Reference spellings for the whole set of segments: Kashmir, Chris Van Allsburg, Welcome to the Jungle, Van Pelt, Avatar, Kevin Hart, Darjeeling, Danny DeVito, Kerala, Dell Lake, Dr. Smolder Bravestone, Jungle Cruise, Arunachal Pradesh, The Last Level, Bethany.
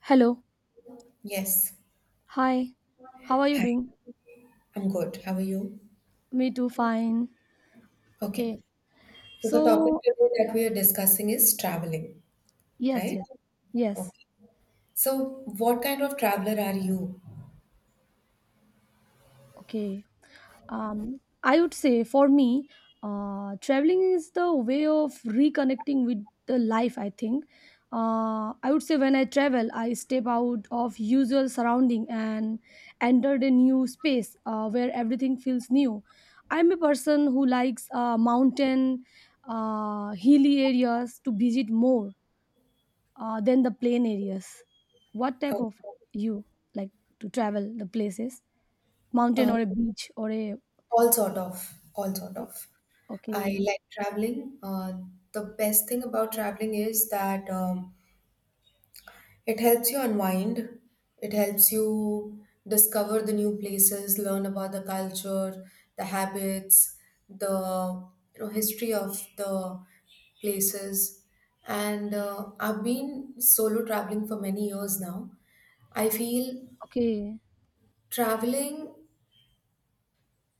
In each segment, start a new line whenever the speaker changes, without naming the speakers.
Hello.
Yes.
Hi. How are you
Hi,
doing?
I'm good. How are you?
Me too, fine.
Okay.
Okay.
So the topic
So,
today that we are discussing is traveling,
yes,
right?
yes. Yes.
Okay. So what kind of traveler are you?
Okay. I would say for me, traveling is the way of reconnecting with the life, I think. I would say when I travel, I step out of usual surrounding and enter a new space where everything feels new. I'm a person who likes mountain hilly areas to visit more than the plain areas. What type
Okay.
of you like to travel the places? Mountain
Uh,
or a beach or a,
all sort of, all sort of. I
okay,
like traveling. The best thing about traveling is that it helps you unwind. It helps you discover the new places, learn about the culture, the habits, the you know history of the places. And I've been solo traveling for many years now. I feel
okay,
traveling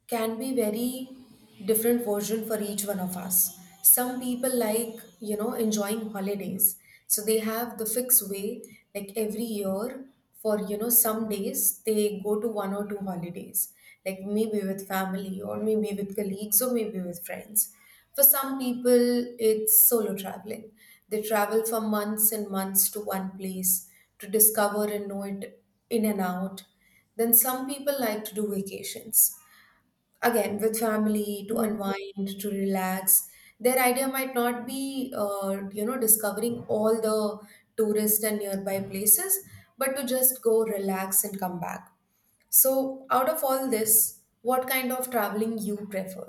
can be very different version for each one of us. Some people like you know enjoying holidays, so they have the fixed way, like every year for you know some days they go to one or two holidays, like maybe with family or maybe with colleagues or maybe with friends. For some people it's solo traveling. They travel for months and months to one place to discover and know it in and out. Then some people like to do vacations again with family, to
yes.
unwind, to relax. Their idea might not be you know discovering all the tourist and nearby places, but to just go, relax, and come back. So out of all this, what kind of traveling you prefer?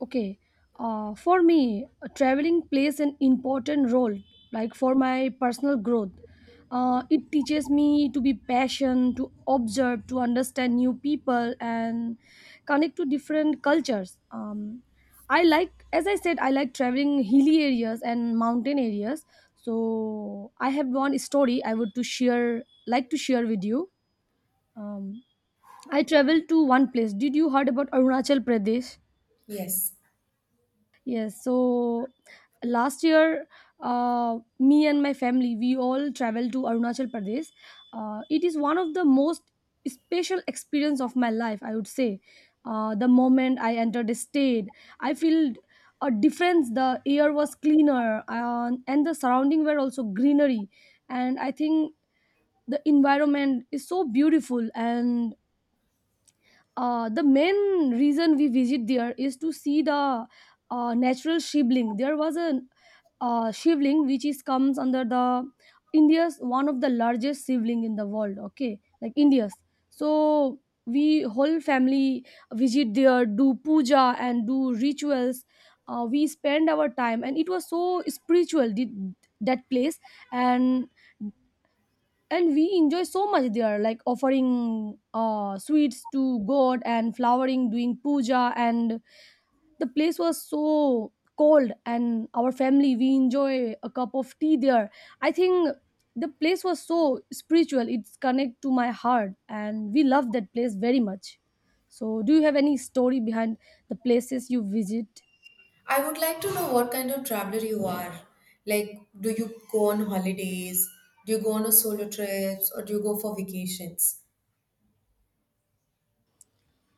Okay, for me, traveling plays an important role, like for my personal growth. It teaches me to be patient, to observe, to understand new people, and connect to different cultures. I like, as I said, I like traveling hilly areas and mountain areas. So I have one story I would to share, like to share with you. Um, I traveled to one place. Did you heard about Arunachal Pradesh?
Yes,
Yes, so last year, me and my family, we all traveled to Arunachal Pradesh. It is one of the most special experience of my life, I would say. The moment I entered the state, I feel a difference. The air was cleaner, and the surrounding were also greenery. And I think the environment is so beautiful and the main reason we visit there is to see the natural shivling. There was a shivling which is comes under the India's one of the largest shivling in the world. Okay, like India's. So we whole family visit there, do puja and do rituals. We spend our time, and it was so spiritual. The That place, and and we enjoy so much there, like offering sweets to god and flowering doing puja. And the place was so cold, and our family, we enjoy a cup of tea there. I think the place was so spiritual. It's connect to my heart, and we love that place very much. So do you have any story behind the places you visit?
I would like to know what kind of traveler you are, like, do you go on holidays, do you go on a solo trips, or do you go for vacations?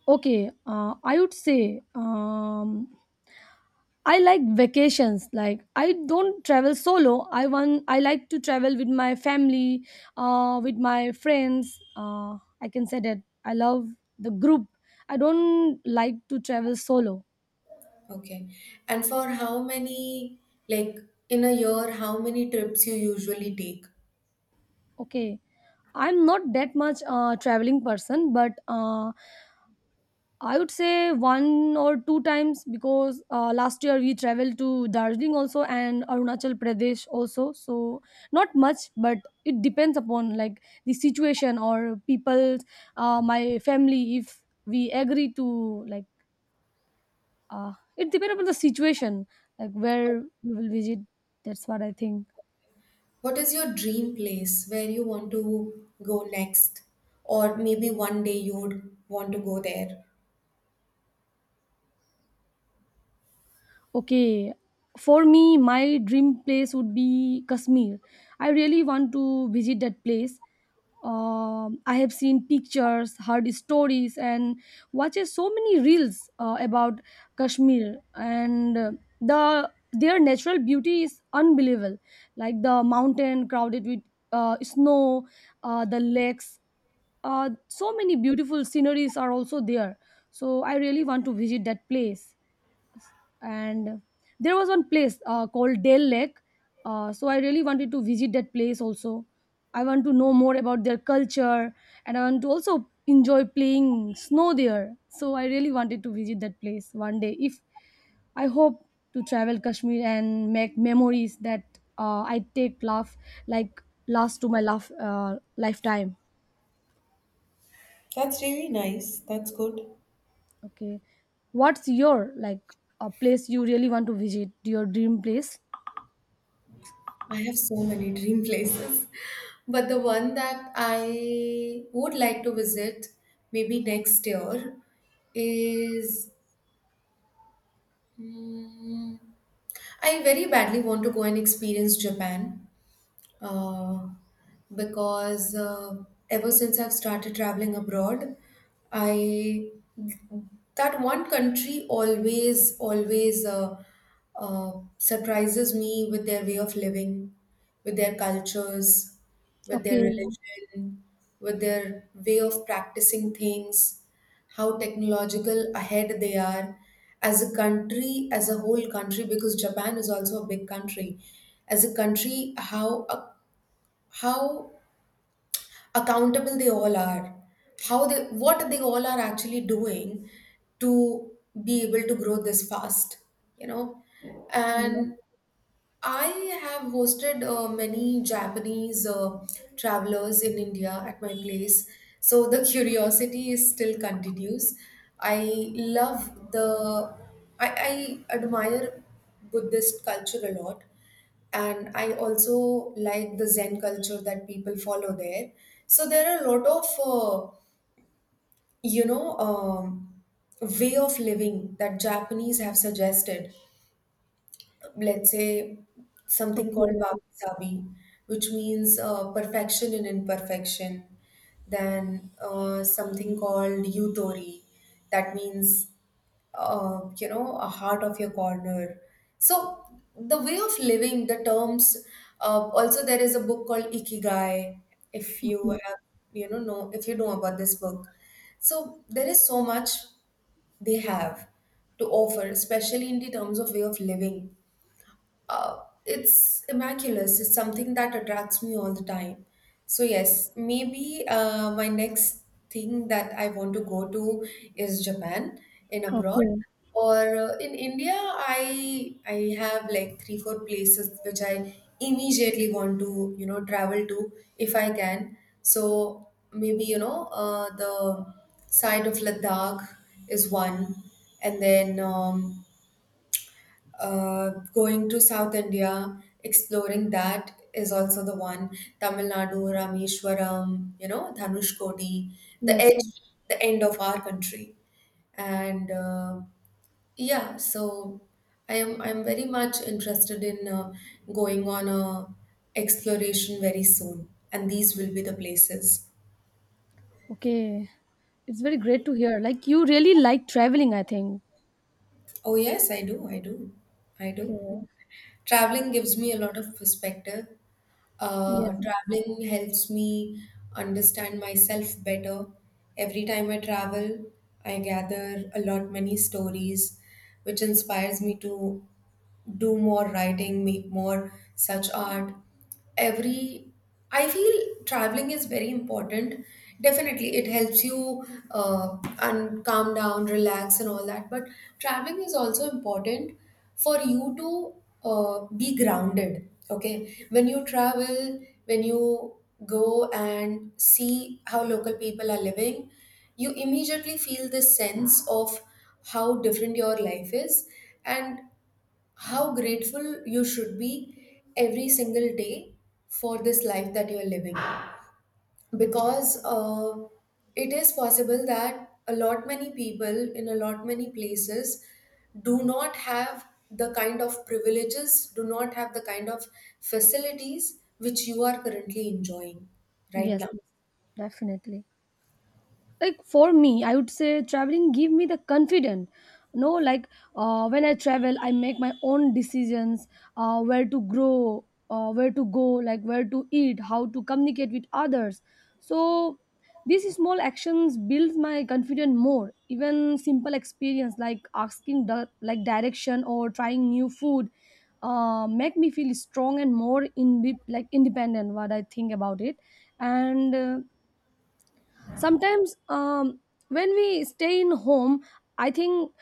Okay, I would say, I like vacations. Like I don't travel solo. I want. I like to travel with my family, with my friends. I can say that I love the group. I don't like to travel solo.
Okay. And for how many, like in a year, how many trips you usually take?
Okay, I'm not that much traveling person, but I would say one or two times, because last year we traveled to Darjeeling also and Arunachal Pradesh also. So not much, but it depends upon like the situation or people, my family. If we agree to, like, it depends upon the situation, like where we will visit. That's what I think.
What is your dream place where you want to go next? Or maybe one day you would want to go there?
Okay, for me, my dream place would be Kashmir. I really want to visit that place. I have seen pictures, heard stories, and watches so many reels about Kashmir, and the their natural beauty is unbelievable. Like the mountain crowded with snow, the lakes, so many beautiful sceneries are also there. So I really want to visit that place, and there was one place called Dell Lake. So I really wanted to visit that place also. I want to know more about their culture, and I want to also enjoy playing snow there. So I really wanted to visit that place one day. If I hope to travel Kashmir and make memories that I take laugh, like last to my laugh lifetime.
That's really nice. That's good.
Okay, what's your, like, a place you really want to visit? Your dream place?
I have so many dream places. But the one that I would like to visit maybe next year is, mm, I very badly want to go and experience Japan. uh, because ever since I've started traveling abroad, I, that one country always uh, surprises me with their way of living, with their cultures, with their
Okay.
religion, with their way of practicing things, how technological ahead they are as a country, as a whole country, because Japan is also a big country. As a country, how accountable they all are, how they, what they all are actually doing to be able to grow this fast, you know. And I have hosted many Japanese travelers in India at my place, so the curiosity is still continues. I love the, I, I admire Buddhist culture a lot, and I also like the Zen culture that people follow there. So there are a lot of you know um, way of living that Japanese have suggested. Let's say something called
Okay,
wabi-sabi, which means perfection in imperfection. Then something called yutori, that means you know a heart of your corner. So the way of living, the terms, also there is a book called ikigai, if you
okay,
have you know if you know about this book. So there is so much they have to offer, especially in the terms of way of living. It's immaculate. It's something that attracts me all the time. So yes, maybe my next thing that I want to go to is Japan, in abroad.
okay.
Or in India, I have like 3 4 places which I immediately want to you know travel to, if I can. So maybe you know the side of Ladakh is one, and then. Going to South India, exploring that is also the one. Tamil Nadu, Rameshwaram, you know, Dhanushkodi, the
Yes, yes.
edge, the end of our country, and yeah. So I'm very much interested in going on a exploration very soon, and these will be the places.
Okay. It's very great to hear. Like you really like traveling, I think.
Oh yes, I do, I do, I
Okay.
do. Traveling gives me a lot of perspective.
Yes, yes,
Traveling helps me understand myself better. Every time I travel, I gather a lot many stories, which inspires me to do more writing, make more such art. Every, I feel traveling is very important. Definitely, it helps you and calm down, relax, and all that. But traveling is also important for you to be grounded. Okay, when you travel, when you go and see how local people are living, you immediately feel this sense of how different your life is and how grateful you should be every single day for this life that you're living, because it is possible that a lot many people in a lot many places do not have the kind of privileges, do not have the kind of facilities which you are currently enjoying right
yes,
now.
yes, definitely. Like for me, I would say traveling give me the confidence, no, like, when I travel, I make my own decisions, where to grow, where to go, like where to eat, how to communicate with others. So these small actions build my confidence more, even simple experience like asking the, like, direction or trying new food make me feel strong and more in, like, independent, what I think about it. And sometimes, when we stay in home, I think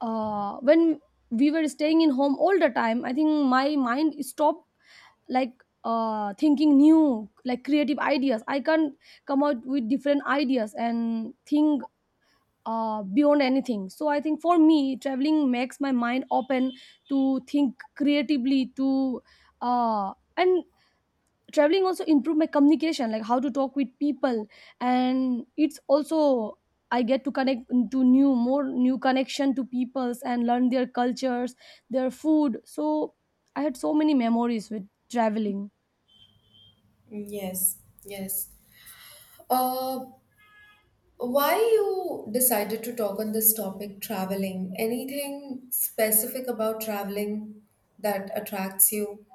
when we were staying in home all the time, I think my mind stopped, like thinking new, like creative ideas. I can't come out with different ideas and think beyond anything. So I think for me traveling makes my mind open to think creatively, to and traveling also improve my communication, like how to talk with people. And it's also, I get to connect to new, more new connection to peoples, and learn their cultures, their food. So I had so many memories with traveling.
Yes, yes. uh, Why you decided to talk on this topic, traveling? Anything specific about traveling that attracts you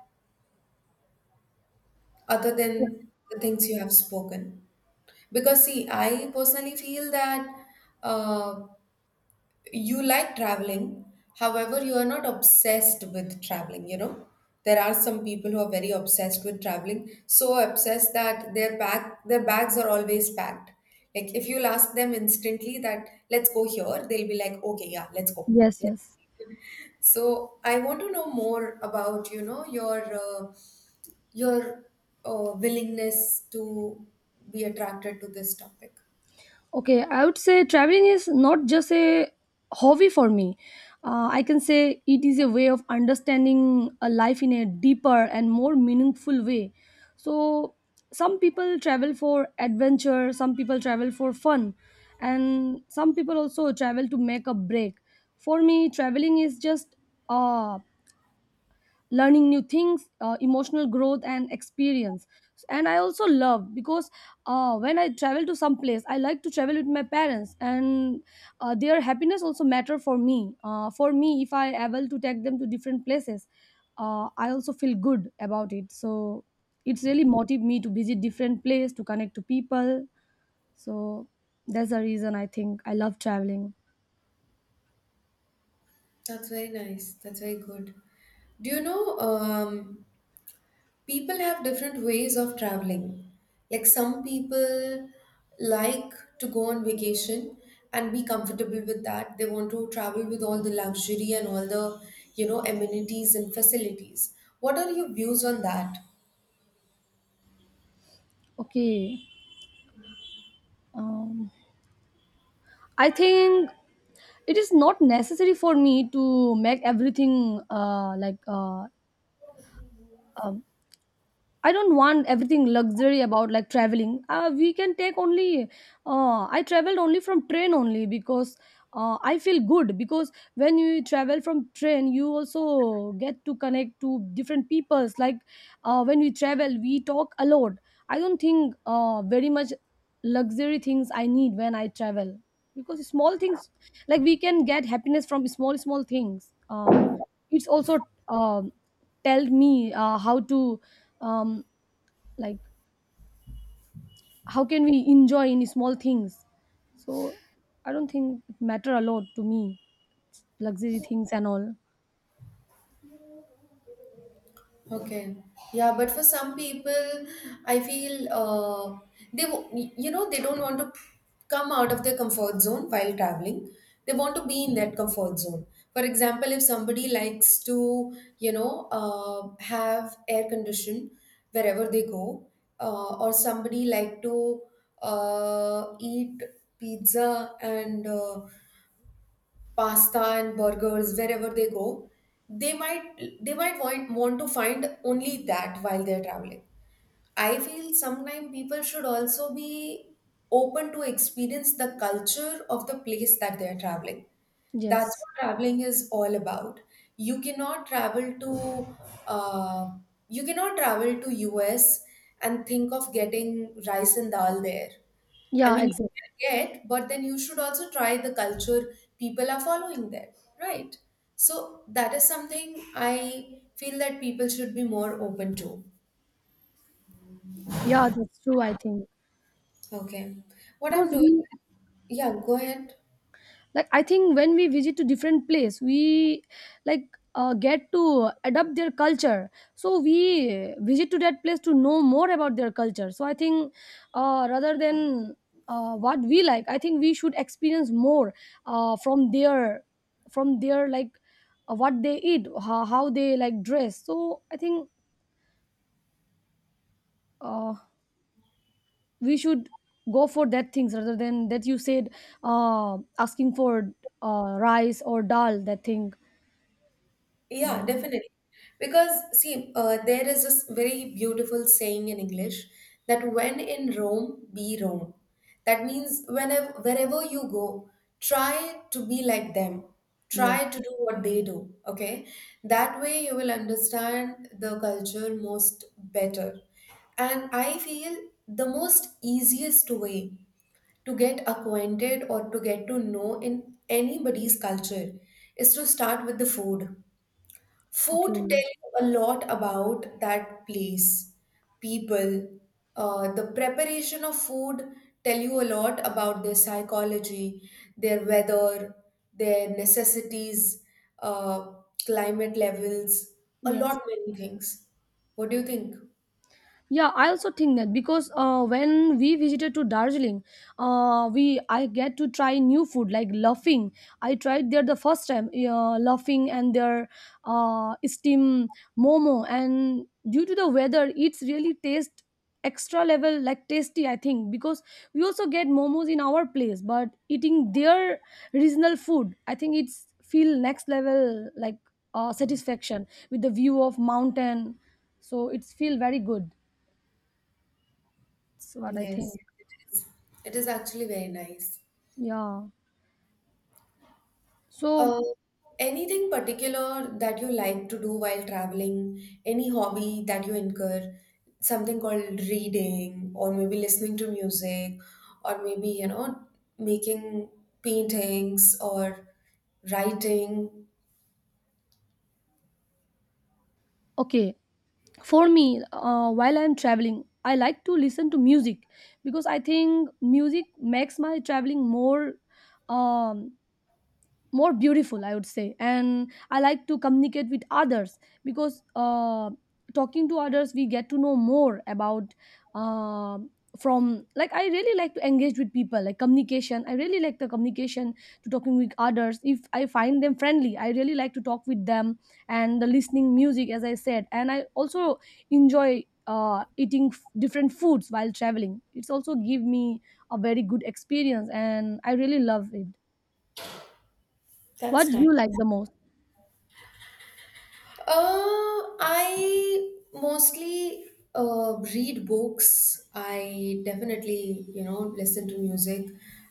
other than the things you have spoken? Because, see, I personally feel that uh, you like traveling, however you are not obsessed with traveling, you know. There are some people who are very obsessed with traveling, so obsessed that their bag, their bags are always packed. Like if you'll ask them instantly that let's go here, they'll be like okay yeah let's go.
Yes, yes.
So I want to know more about, you know, your willingness to be attracted to this topic.
Okay, I would say traveling is not just a hobby for me. I can say it is a way of understanding a life in a deeper and more meaningful way. So, some people travel for adventure, some people travel for fun, and some people also travel to make a break. For me, traveling is just uh, learning new things, emotional growth and experience. And I also love, because when I travel to some place, I like to travel with my parents, and their happiness also matter for me. For me, if I able to take them to different places, I also feel good about it. So it's really motive me to visit different place, to connect to people. So that's the reason I think I love traveling.
That's very nice. That's very good. Do you know? People have different ways of traveling. Like some people like to go on vacation and be comfortable with that. They want to travel with all the luxury and all the, you know, amenities and facilities. What are your views on that?
Okay. um, I think it is not necessary for me to make everything like um I don't want everything luxury about, like, traveling. We can take only. I traveled only from train only, because I feel good, because when you travel from train, you also get to connect to different peoples. Like when we travel, we talk a lot. I don't think very much luxury things I need when I travel, because small things, like we can get happiness from small small things. It's also tell me how to, um, like how can we enjoy in small things. So I don't think it matter a lot to me, luxury things and all.
Okay. Yeah, but for some people, I feel you know they don't want to come out of their comfort zone while traveling. They want to be in that comfort zone. For example, if somebody likes to you know have air condition wherever they go, or somebody like to eat pizza and pasta and burgers wherever they go, they might, want to find only that while they're traveling. I feel sometimes people should also be open to experience the culture of the place that they're traveling. That's
Yes.
what traveling is all about. You cannot travel to uh, you cannot travel to us and think of getting rice and dal there. I
Yeah,
mean, you
exactly.
can get, but then you should also try the culture people are following there, right? So that is something I feel that people should be more open to.
Yeah, that's true, I think.
Okay. What I'm
Because
doing,
we,
yeah, go ahead.
like, I think when we visit to different place, we, like, get to adopt their culture. So we visit to that place to know more about their culture. So I think rather than what we like, I think we should experience more from their, from their like what they eat, how they like dress. So I think uh, we should go for that things rather than that you said asking for rice or dal that thing.
Yeah,
um,
definitely. Because, see, there is this very beautiful saying in English, that when in Rome, be Rome. That means whenever, wherever you go, try to be like them.
Yes.
Try to do what they do, okay? That way you will understand the culture most better. And I feel the most easiest way to get acquainted or to get to know in anybody's culture is to start with the food. Food
Okay.
tell you a lot about that place, people. The preparation of food tell you a lot about their psychology, their weather, their necessities, uh, climate levels, a
Yes.
lot many things. What do you think?
Yeah, I also think that, because when we visited to Darjeeling, we I get to try new food like laughing. I tried there the first time, laughing and their steam momo. And due to the weather, it's really taste extra level, like tasty. I think because we also get momos in our place, but eating their regional food, I think it's feel next level, like satisfaction with the view of mountain. So it's feel very good. That's what I think.
Yes. It is. It is actually very nice.
Yeah. So,
Uh, Anything particular that you like to do while traveling? Any hobby that you incur? Something called reading, or maybe listening to music, or maybe, you know, making paintings or writing.
okay. For me, while I'm traveling, I like to listen to music, because I think music makes my traveling more, um, more beautiful, I would say. And I like to communicate with others, because talking to others, we get to know more about uh, from, like, I really like to engage with people, like communication. I really like the communication, to talking with others. If I find them friendly, I really like to talk with them. And the listening music, as I said. And I also enjoy eating different foods while traveling. It's also give me a very good experience, and I really love it. What
That's
do
nice.
you like the most?
I mostly read books. I definitely, you know, listen to music.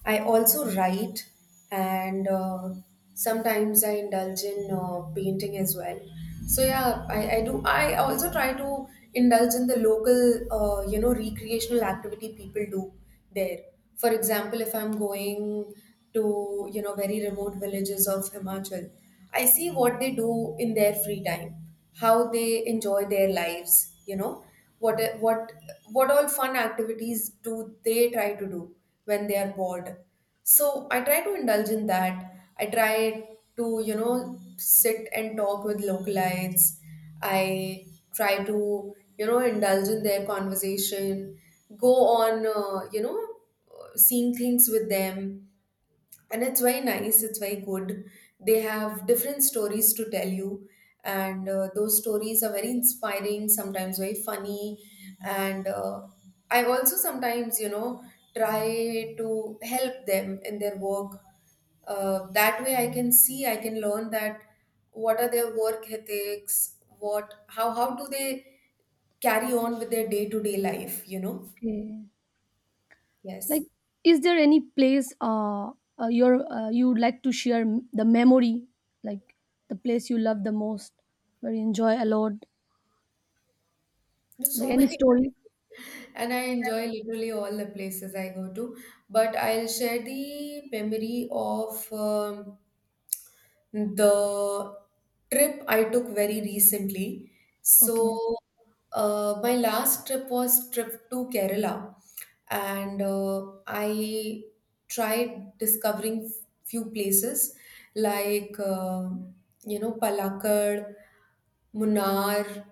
I also write, and sometimes I indulge in painting as well. So yeah, I do. I also try to indulge in the local, you know, recreational activity people do there. For example, if I'm going to you know very remote villages of Himachal. I see what they do in their free time, how they enjoy their lives. You know what what what all fun activities do they try to do when they are bored. So I try to indulge in that. I try to you know sit and talk with localites. I try to you know indulge in their conversation, go on you know seeing things with them, and it's very nice, it's very good. They have different stories to tell you, and those stories are very inspiring, sometimes very funny. And I also sometimes you know try to help them in their work. That way I can see, I can learn that what are their work ethics, what, how do they carry on with their day to day life, you know.
Okay.
Yes.
Like, is there any place your you'd like to share the memory, like the place you love the most, where you enjoy a lot?
There's
Like
so
any
many
story?
places, and I enjoy literally all the places I go to. But I'll share the memory of the trip I took very recently.
Okay.
So, my last trip was trip to Kerala, and I tried discovering few places like you know Palakkad, Munnar,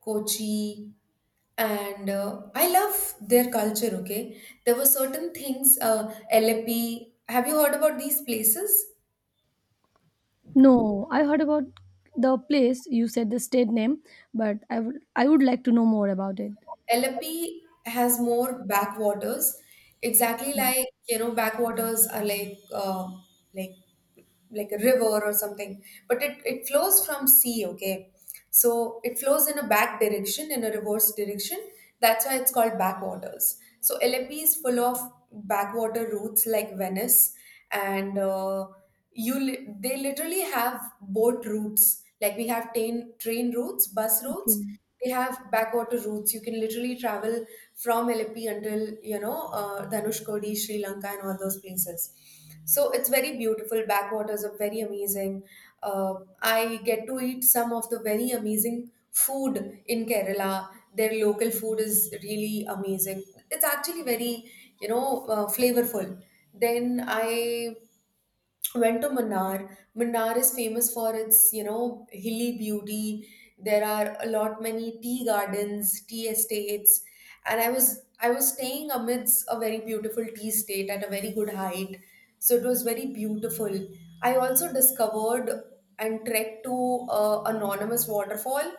Kochi, and I love their culture. Okay, there were certain things, Alleppey. Have you heard about these places?
No, I heard about the place. You said the state name, but I would like to know more about it.
LP has more backwaters. Exactly, like, you know, backwaters are like like a river or something, but it flows from sea. Okay, so it flows in a back direction, in a reverse direction. That's why it's called backwaters. So lmp is full of backwater routes, like Venice. and uh, they literally have boat routes like we have train routes, bus routes.
Okay.
They have backwater routes. You can literally travel from Lepi until Dhanushkodi, Sri Lanka, and all those places. So it's very beautiful. Backwaters are very amazing. Uh, I get to eat some of the very amazing food in Kerala. Their local food is really amazing. It's actually very, flavorful. Then I went to Manar. Manar is famous for its, you know, hilly beauty. There are a lot many tea gardens, tea estates, and I was staying amidst a very beautiful tea estate at a very good height, so it was very beautiful. I also discovered and trekked to a anonymous waterfall,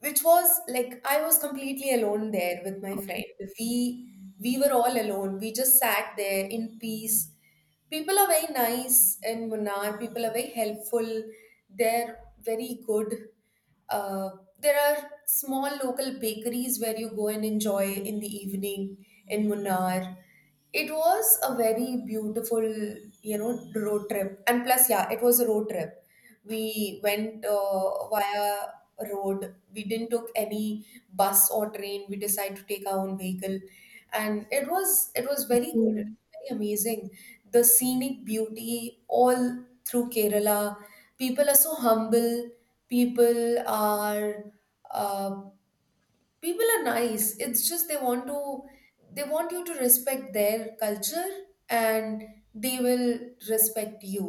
which was like I was completely alone there with my friend. We we were all alone. We just sat there in peace. People are very nice in Munnar. People are very helpful. They're very good. Uh, there are small local bakeries where you go and enjoy in the evening in Munnar. It was a very beautiful, you know, road trip. And plus, yeah, it was a road trip. We went via road. We didn't took any bus or train. We decided to take our own vehicle, and it was very good. It
Okay.
was very amazing. The scenic beauty all through Kerala. People are so humble. People are, uh, people are nice. It's just they want to, they want you to respect their culture, and they will respect you.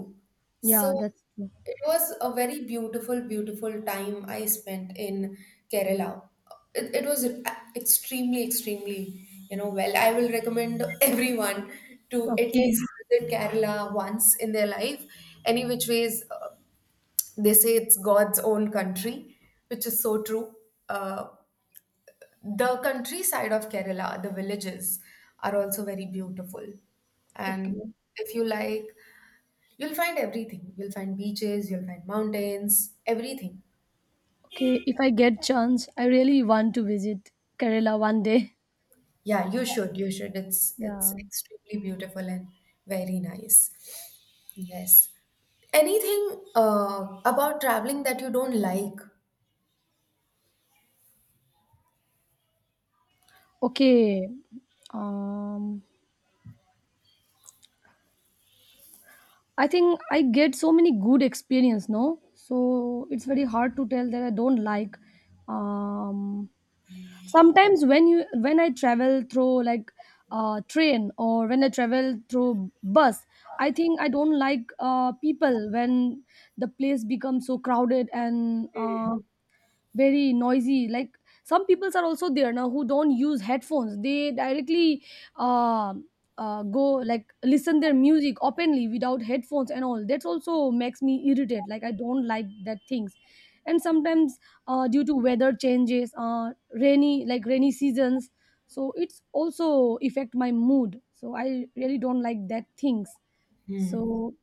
Yeah,
So
that's true.
it was a very beautiful time I spent in Kerala. It was extremely you know, well, I will recommend everyone to at least
Okay.
visit Kerala once in their life. Any which ways, they say it's god's own country, which is so true. Uh the countryside of Kerala, the villages, are also very beautiful. And
Okay.
if you like, you'll find everything. You'll find beaches, you'll find mountains, everything.
Okay. If I get chance, I really want to visit Kerala one day.
Yeah, you should, you should. It's
Yeah.
extremely beautiful and very nice. Yes. Anything about traveling that you don't like?
Okay. Um. I think I get so many good experience, no? So it's very hard to tell that I don't like. Um, Sometimes when you when I travel through, like, train, or when I travel through bus, I think I don't like people when the place becomes so crowded and very noisy. Like some peoples are also there now who don't use headphones. They directly uh, go, like, listen their music openly without headphones, and all that also makes me irritated. Like, I don't like that things. And sometimes due to weather changes, rainy, like rainy seasons. So it's also affect my mood. So I really don't like that things.
Hmm.
So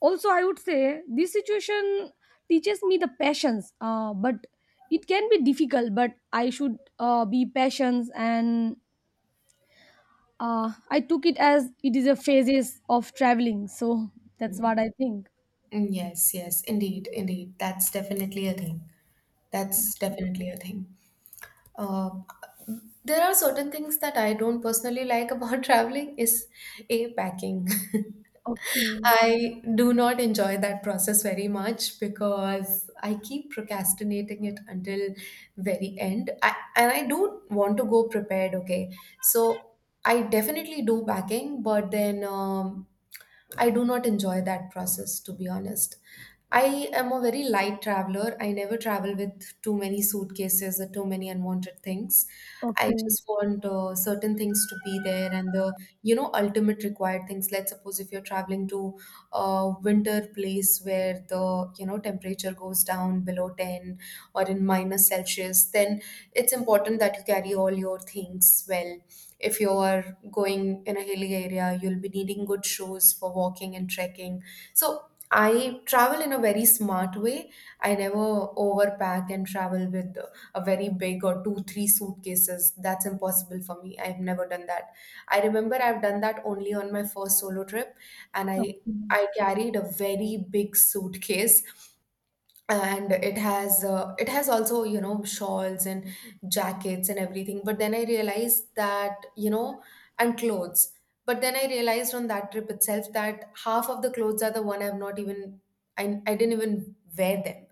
also I would say this situation teaches me the passions, but it can be difficult, but I should be patient, and I took it as it is a phases of traveling. So that's what I think.
Mm, yes, yes, indeed, indeed. That's definitely a thing. That's definitely a thing. Uh, there are certain things that I don't personally like about traveling is a packing.
Okay.
I do not enjoy that process very much because I keep procrastinating it until very end. And I do want to go prepared, okay? So I definitely do packing, but then I do not enjoy that process, to be honest. I am a very light traveler. I never travel with too many suitcases or too many unwanted things. I
Okay.
just want certain things to be there and the, you know, ultimate required things. Let's suppose if you're traveling to a winter place where the, you know, temperature goes down below 10 or in minus Celsius, then it's important that you carry all your things well. If you're going in a hilly area, you'll be needing good shoes for walking and trekking. So I travel in a very smart way. I never overpack and travel with a very big or two, three suitcases. That's impossible for me. I've never done that. I remember I've done that only on my first solo trip, and I
Okay,
I carried a very big suitcase, and it has, it has also, you know, shawls and jackets and everything, but then I realized that, you know, and clothes, but then I realized on that trip itself that half of the clothes are the one I've not even, I didn't even wear them.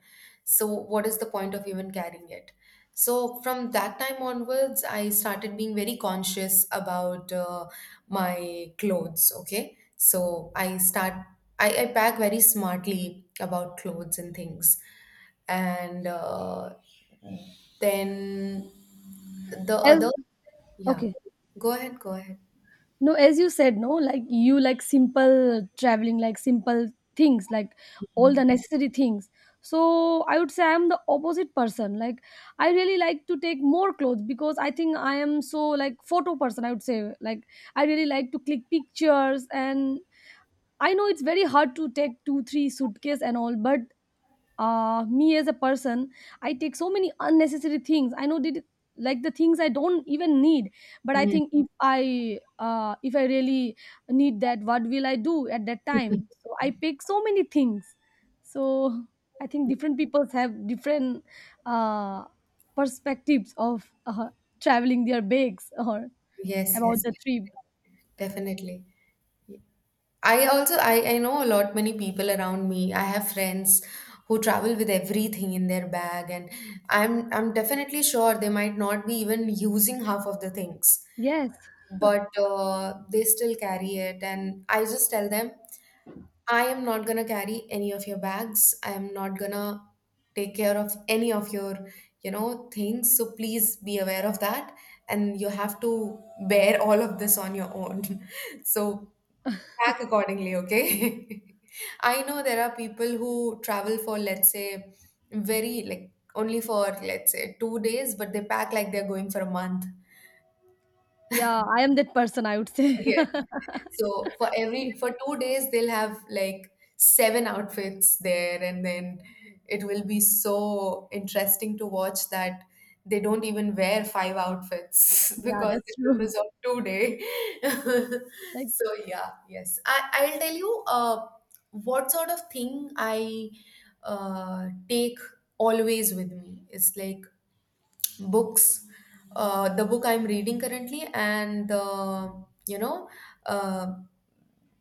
So what is the point of even carrying it? So from that time onwards, I started being very conscious about my clothes. Okay, I pack very smartly about clothes and things. And then the
as
other, yeah,
okay.
go ahead, go ahead.
No, as you said, no, like you like simple traveling, like simple things, like all the necessary things. So I would say I'm the opposite person. Like, I really like to take more clothes, because I think I am so, like, photo person, I would say. Like, I really like to click pictures, and I know it's very hard to take two three suitcase and all, but me as a person, I take so many unnecessary things, I know that, like the things I don't even need. But I
Mm.
think if I really need that, what will I do at that time? So I pick so many things. So I think different people have different uh perspectives of traveling, their bags, or
Yes,
about
yes,
the trip.
definitely. I know a lot many people around me. I have friends who travel with everything in their bag, and I'm definitely sure they might not be even using half of the things,
Yes.
but they still carry it. And I just tell them, I am not gonna carry any of your bags. I am not gonna take care of any of your, you know, things. So please be aware of that. And you have to bear all of this on your own. So pack accordingly, okay? I know there are people who travel for, let's say, very like only for, let's say, 2 days, but they pack like they're going for a month.
Yeah, I am that person, I would say.
Yeah. So for every for 2 days, they'll have like seven outfits there, and then it will be so interesting to watch that they don't even wear five outfits
Yeah,
because
that's
it
true.
was on 2 day.
Like,
So yeah, yes. I'll tell you what sort of thing I take always with me. It's like books, the book I'm reading currently, and the, you know, uh,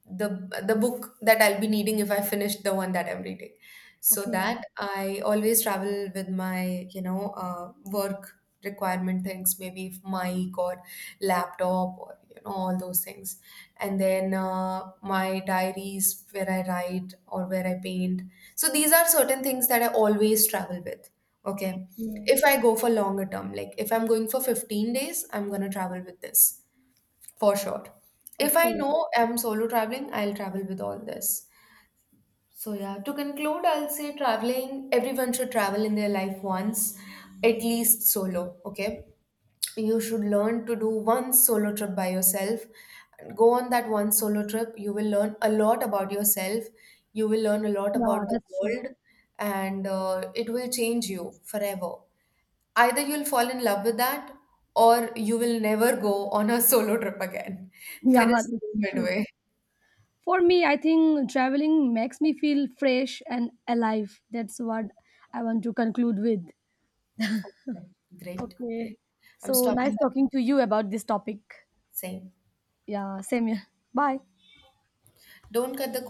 the the book that I'll be needing if I finish the one that I'm reading. So that
okay.
I always travel with my, you know, work requirement things, maybe if mic or laptop, or you know, all those things. And then my diaries where I write or where I paint. So these are certain things that I always travel with, okay?
Yeah.
If I go for longer term, like if I'm going for 15 days, I'm gonna travel with this for sure. If I
Okay.
know I'm solo traveling, I'll travel with all this. So, yeah, to conclude, I'll say traveling, everyone should travel in their life once, at least solo, okay? You should learn to do one solo trip by yourself. Go on that one solo trip, you will learn a lot about yourself, you will learn a lot
Yeah,
about the
that's true.
world, and it will change you forever. Either you'll fall in love with that, or you will never go on a solo trip again. There
Yeah,
is
that's
no
true.
midway.
For me, I think traveling makes me feel fresh and alive. That's what I want to conclude with.
Great,
Okay.
great. I'm
So nice
stopping.
talking to you about this topic.
Same.
Yeah, same here. Bye.
Don't cut the